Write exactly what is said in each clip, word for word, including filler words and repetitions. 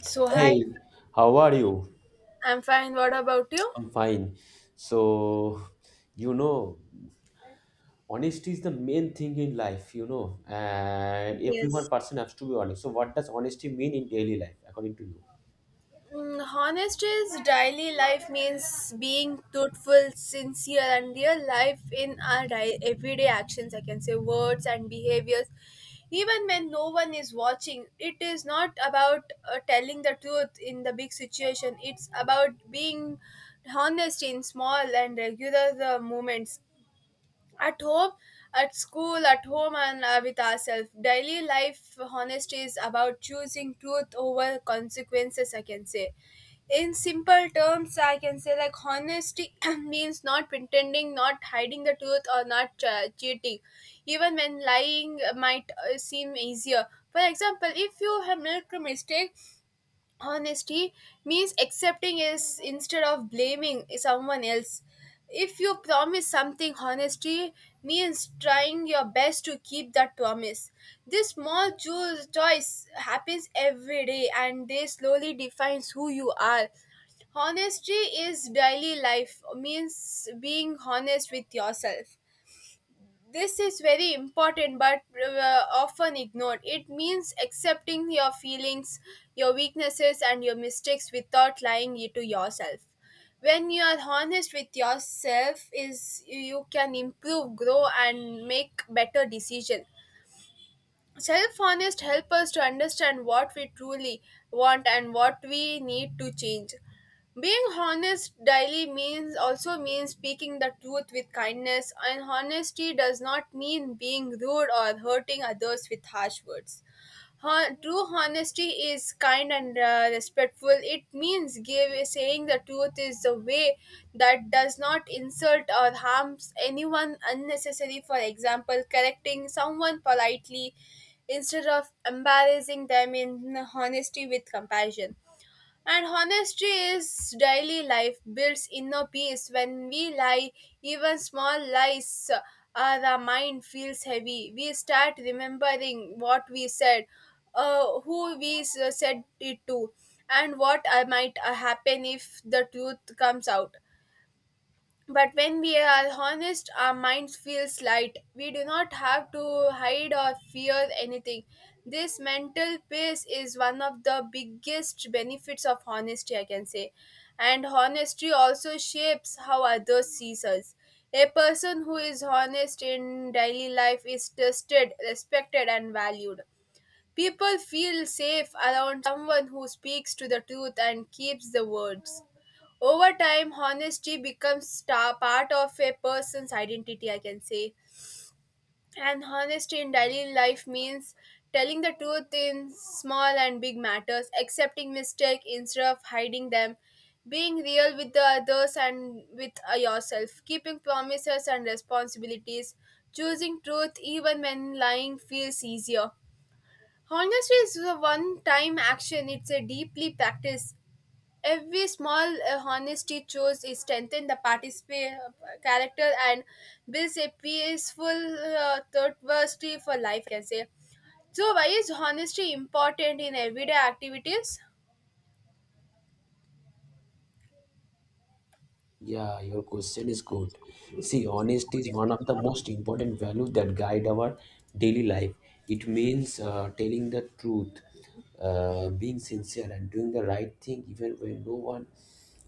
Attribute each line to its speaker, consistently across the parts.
Speaker 1: So, hi,
Speaker 2: Hey, how are you?
Speaker 1: I'm fine. What about you?
Speaker 2: I'm fine. So, you know, honesty is the main thing in life, you know, and every
Speaker 1: Yes.
Speaker 2: one person has to be honest. So, what does honesty mean in daily life, according to you?
Speaker 1: Mm, honest is daily life means being truthful, sincere, and real life in our di- everyday actions. I can say words and behaviors. Even when no one is watching, it is not about uh, telling the truth in the big situation. It's about being honest in small and regular uh, moments. At home, at school, at home, and uh, with ourselves. Daily life honesty is about choosing truth over consequences, I can say. In simple terms, I can say like honesty means not pretending, not hiding the truth, or not uh, cheating, even when lying might uh, seem easier. For example, if you have made a mistake, honesty means accepting is instead of blaming someone else if you promise something honesty means trying your best to keep that promise. This small cho- choice happens every day and they slowly defines who you are. Honesty is daily life means being honest with yourself. This is very important but uh, often ignored. It means accepting your feelings, your weaknesses, and your mistakes without lying to yourself. When you are honest with yourself, is you can improve, grow, and make better decisions. Self-honest help us to understand what we truly want and what we need to change. Being honest daily means also means speaking the truth with kindness, and honesty does not mean being rude or hurting others with harsh words. Hon- True honesty is kind and uh, respectful. It means give, saying the truth is the way that does not insult or harms anyone unnecessary. For example, correcting someone politely instead of embarrassing them in honesty with compassion. And honesty is daily life builds inner peace. When we lie, even small lies, uh, the mind feels heavy. We start remembering what we said, uh, who we s- said it to, and what uh, might uh, happen if the truth comes out. But when we are honest, our minds feels light. We do not have to hide or fear anything. This mental peace is one of the biggest benefits of honesty, I can say. And honesty also shapes how others sees us. A person who is honest in daily life is trusted, respected, and valued. People feel safe around someone who speaks to the truth and keeps the words. Over time, honesty becomes star part of a person's identity, I can say. And honesty in daily life means telling the truth in small and big matters, accepting mistake instead of hiding them, being real with the others and with uh, yourself, keeping promises and responsibilities, choosing truth even when lying feels easier. Honesty is a one time action, it's a deeply practiced. Every small uh, honesty chose is strengthen the participant character and builds a peaceful uh, thirsty for life, I can say. So, why is honesty important in everyday activities?
Speaker 2: Yeah, your question is good. See, honesty is one of the most important values that guide our daily life. It means uh, telling the truth, uh, being sincere, and doing the right thing even when no one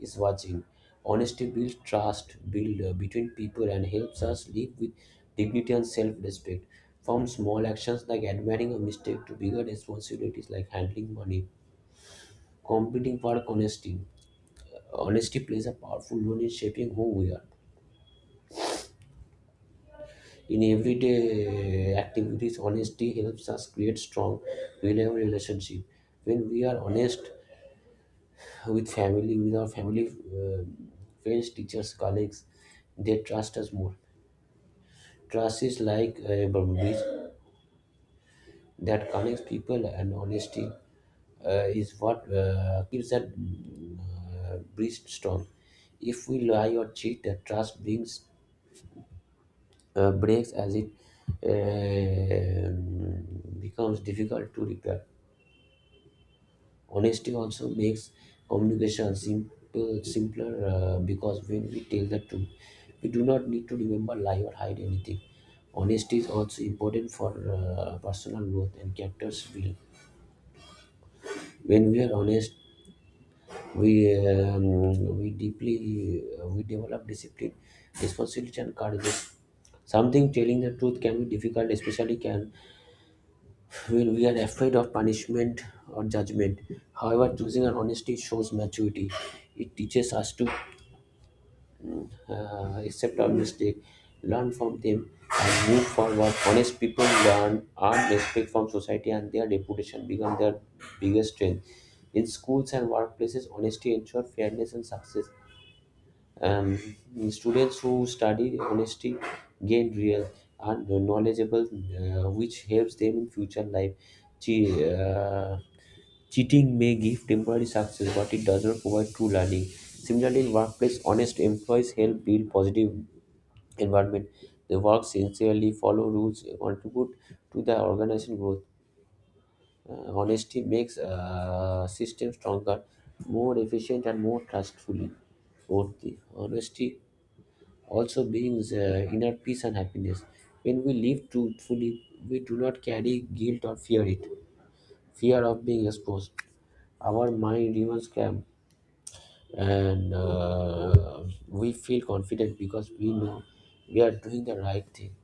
Speaker 2: is watching. Honesty builds trust, build uh, between people, and helps us live with dignity and self-respect. From small actions like admitting a mistake to bigger responsibilities like handling money, competing for honesty. Honesty plays a powerful role in shaping who we are. In everyday activities, honesty helps us create strong, reliable relationship. When we are honest with family, with our family, uh, friends, teachers, colleagues, they trust us more. Trust is like a bridge that connects people, and honesty uh, is what uh, keeps that uh, bridge strong. If we lie or cheat, the trust brings uh, breaks as it um becomes difficult to repair. Honesty also makes communication simple, simpler uh, because when we tell the truth, we do not need to remember lie or hide anything. Honesty is also important for uh, personal growth and character's build. When we are honest, we um, we deeply uh, we develop discipline, responsibility, and courage. Something telling the truth can be difficult, especially can when we are afraid of punishment or judgment. However, choosing our honesty shows maturity. It teaches us to uh, accept our mistake, learn from them, and move forward. Honest people learn, earn respect from society, and their reputation become their biggest strength. In schools and workplaces, honesty ensures fairness and success. Um, Students who study honesty gain real and knowledgeable, uh, which helps them in future life. Gee, uh, Cheating may give temporary success, but it does not provide true learning. Similarly, in workplace, honest employees help build positive environment. They work sincerely, follow rules, and contribute to the organization growth. Uh, honesty makes uh, system stronger, more efficient, and more trustfully. Fourthly, honesty also brings uh, inner peace and happiness. When we live truthfully, we do not carry guilt or fear it. Fear of being exposed. Our mind remains calm, and uh, we feel confident because we know we are doing the right thing.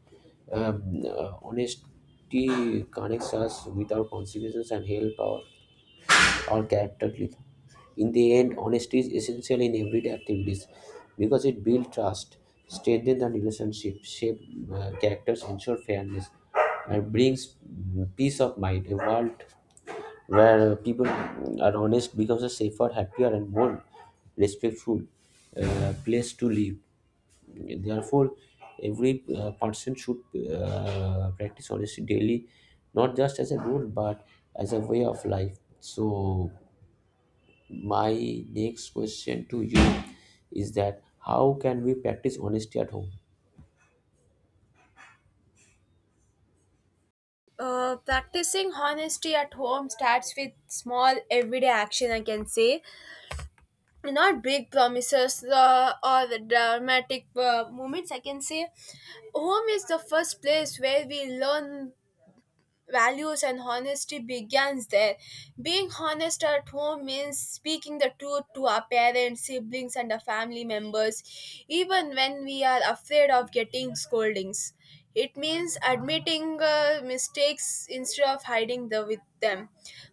Speaker 2: Um, uh, honesty connects us with our consequences and help our, our character growth. In the end, honesty is essential in everyday activities because it builds trust, strengthens the relationship, shapes uh, characters, ensure fairness, and brings mm, peace of mind. A world where people are honest becomes a safer, happier, and more respectful uh, place to live. Therefore, every uh, person should uh, practice honesty daily, not just as a rule but as a way of life. So, my next question to you is that how can we practice honesty at home?
Speaker 1: Uh, practicing honesty at home starts with small everyday action, I can say. Not big promises uh, or the dramatic uh, moments, I can say. Home is the first place where we learn values and honesty begins there. Being honest at home means speaking the truth to our parents, siblings, and our family members, even when we are afraid of getting scoldings. It means admitting uh, mistakes instead of hiding the, with them.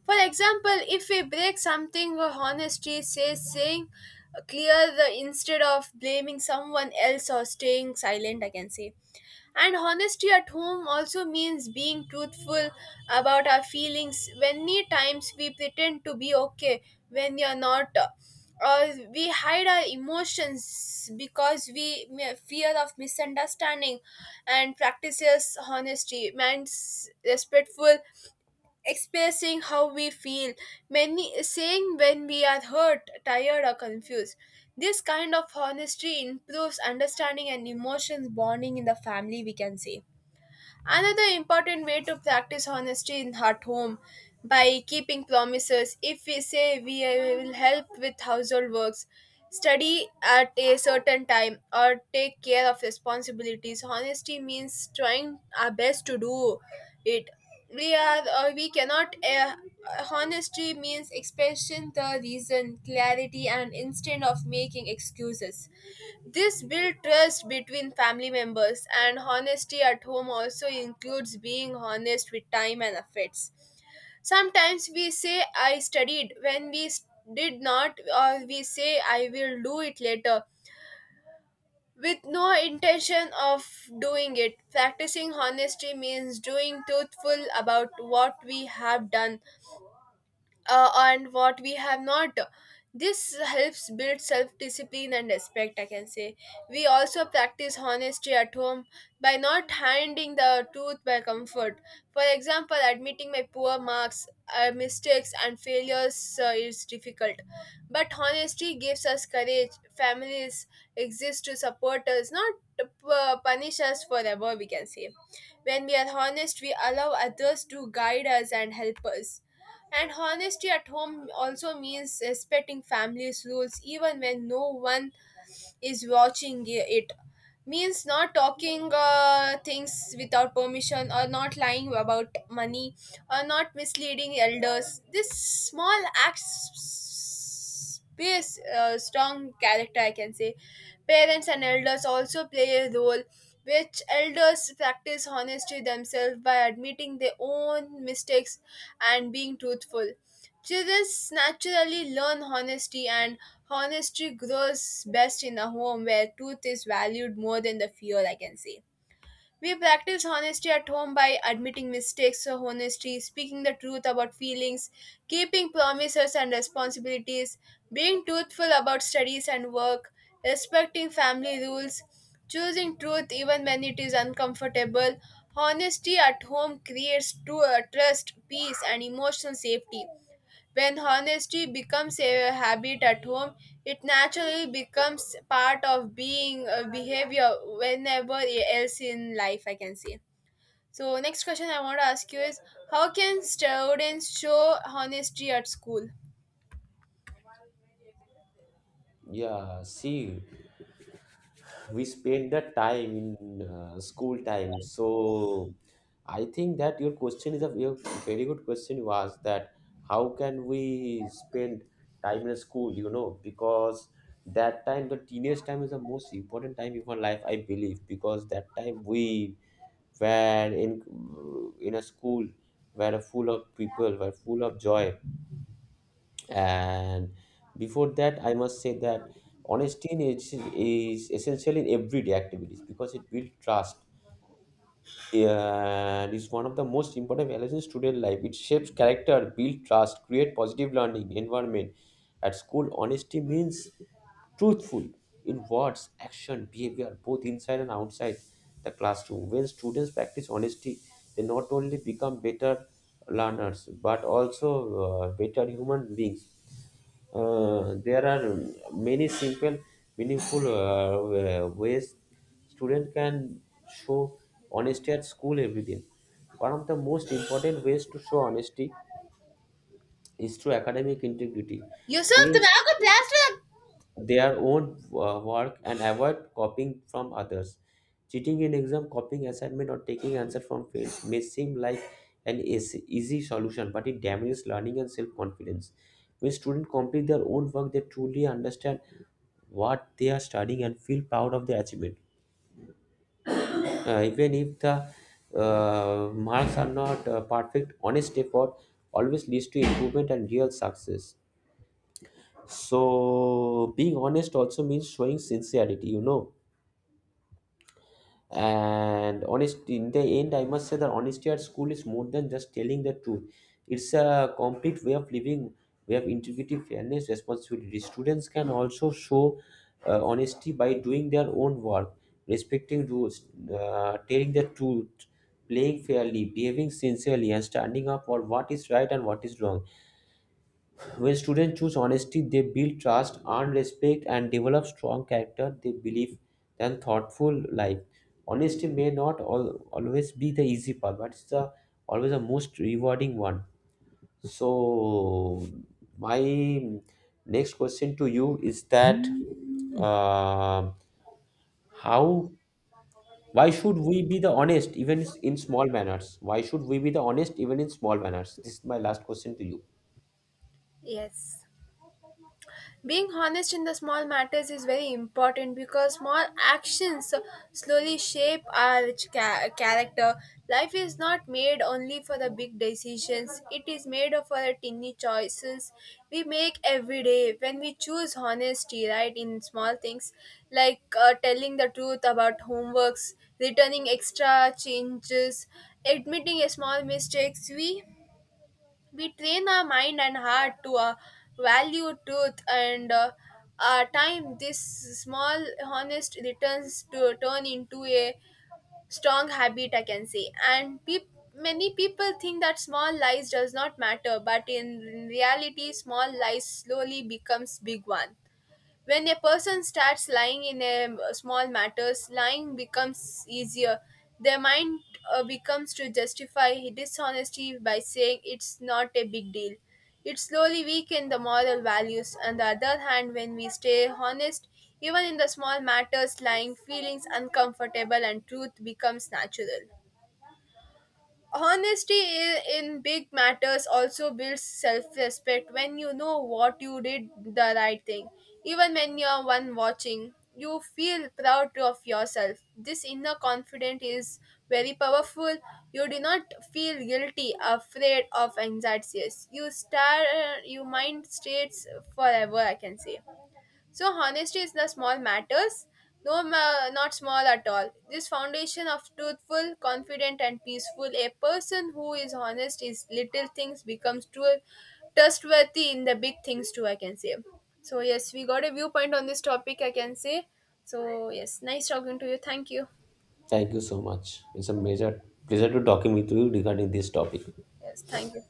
Speaker 1: For example, if we break something, uh, honesty says saying uh, clear the instead of blaming someone else or staying silent, I can say. And honesty at home also means being truthful about our feelings. Many times we pretend to be okay when we are not, or we hide our emotions because we may- fear of misunderstanding and practices honesty. Means respectful expressing how we feel, many saying when we are hurt, tired, or confused. This kind of honesty improves understanding and emotions bonding in the family, we can say. Another important way to practice honesty in at home by keeping promises. If we say we uh, will help with household works, study at a certain time, or take care of responsibilities, honesty means trying our best to do it. We are or we cannot. Uh, honesty means expressing the reason, clarity, and instead of making excuses. This builds trust between family members, and honesty at home also includes being honest with time and effects. Sometimes we say, I studied when we s- did not, or we say, I will do it later with no intention of doing it. Practicing honesty means doing truthful about what we have done uh, and what we have not. This helps build self discipline and respect, I can say. We also practice honesty at home by not hiding the truth by comfort. For example, admitting my poor marks, uh, mistakes, and failures uh, is difficult. But honesty gives us courage. Families exist to support us, not to pu- punish us forever, we can say. When we are honest, we allow others to guide us and help us. And honesty at home also means respecting family's rules even when no one is watching i- it. Means not talking uh, things without permission or not lying about money or not misleading elders. This small acts space uh, strong character, I can say. Parents and elders also play a role which elders practice honesty themselves by admitting their own mistakes and being truthful. Children naturally learn honesty, and honesty grows best in a home where truth is valued more than the fear, I can say. We practice honesty at home by admitting mistakes or honesty, speaking the truth about feelings, keeping promises and responsibilities, being truthful about studies and work, respecting family rules, choosing truth even when it is uncomfortable. Honesty at home creates tru- uh, trust, peace, and emotional safety. When honesty becomes a habit at home, it naturally becomes part of being uh, behavior whenever else in life, I can say. So, next question I want to ask you is, how can students show honesty at school?
Speaker 2: Yeah, see, we spent the time in uh, school time, so I think that your question is a ve- very good question was that how can we spend time in school, you know, because that time the teenage time is the most important time in our life, I believe, because that time we were in in a school, were full of people, were full of joy, and before that, I must say that honesty in is, is essential in everyday activities because it builds trust and is one of the most important values in student life. It shapes character, builds trust, create positive learning environment. At school, honesty means truthful in words, action, behavior, both inside and outside the classroom. When students practice honesty, they not only become better learners but also uh, better human beings. Uh, there are many simple, meaningful uh, uh, ways students can show honesty at school every day. One of the most important ways to show honesty is through academic integrity.
Speaker 1: Yusuf
Speaker 2: Students
Speaker 1: तुम्हें को
Speaker 2: show
Speaker 1: plaster.
Speaker 2: their own uh, work and avoid copying from others. Cheating in exam, copying assignment, or taking answer from friends may seem like an easy easy solution, but it damages learning and self confidence. When students complete their own work, they truly understand what they are studying and feel proud of their achievement. Uh, even if the uh, marks are not uh, perfect, honest effort always leads to improvement and real success. So, being honest also means showing sincerity, you know, and honest. In the end, I must say that honesty at school is more than just telling the truth. It's a complete way of living, way of integrity, fairness, responsibility. Students can also show uh, honesty by doing their own work, respecting rules, uh, telling the truth, playing fairly, behaving sincerely, and standing up for what is right and what is wrong. When students choose honesty, they build trust, earn respect, and develop strong character, they believe, and thoughtful life. Honesty may not al- always be the easy part, but it's the always the most rewarding one. So, my next question to you is that uh, how why should we be the honest even in small manners? Why should we be the honest even in small manners? This is my last question to you.
Speaker 1: Yes. Being honest in the small matters is very important because small actions slowly shape our cha- character. Life is not made only for the big decisions, it is made of our tiny choices we make every day. When we choose honesty, right, in small things like uh, telling the truth about homeworks, returning extra changes, admitting a small mistakes, we we train our mind and heart to uh, value truth and uh, our time. This small honest returns to turn into a strong habit, I can say. And peop many people think that small lies does not matter but in reality small lies slowly becomes big one. When a person starts lying in a small matters, lying becomes easier. Their mind uh, becomes to justify dishonesty by saying it's not a big deal. It slowly weakens the moral values. On the other hand, when we stay honest, even in the small matters, lying feelings uncomfortable and truth becomes natural. Honesty i- in big matters also builds self respect when you know what you did the right thing. Even when you're one watching, you feel proud of yourself. This inner confidence is very powerful. You do not feel guilty, afraid of anxieties. You star, your mind states forever, I can say. So honesty is the small matters, no, ma- not small at all. This foundation of truthful, confident, and peaceful. A person who is honest is little things becomes true, trustworthy in the big things too. I can say. So yes, we got a viewpoint on this topic. I can say. So yes, nice talking to you. Thank you.
Speaker 2: Thank you so much. It's a major pleasure to talking with you regarding this topic.
Speaker 1: Yes, thank you.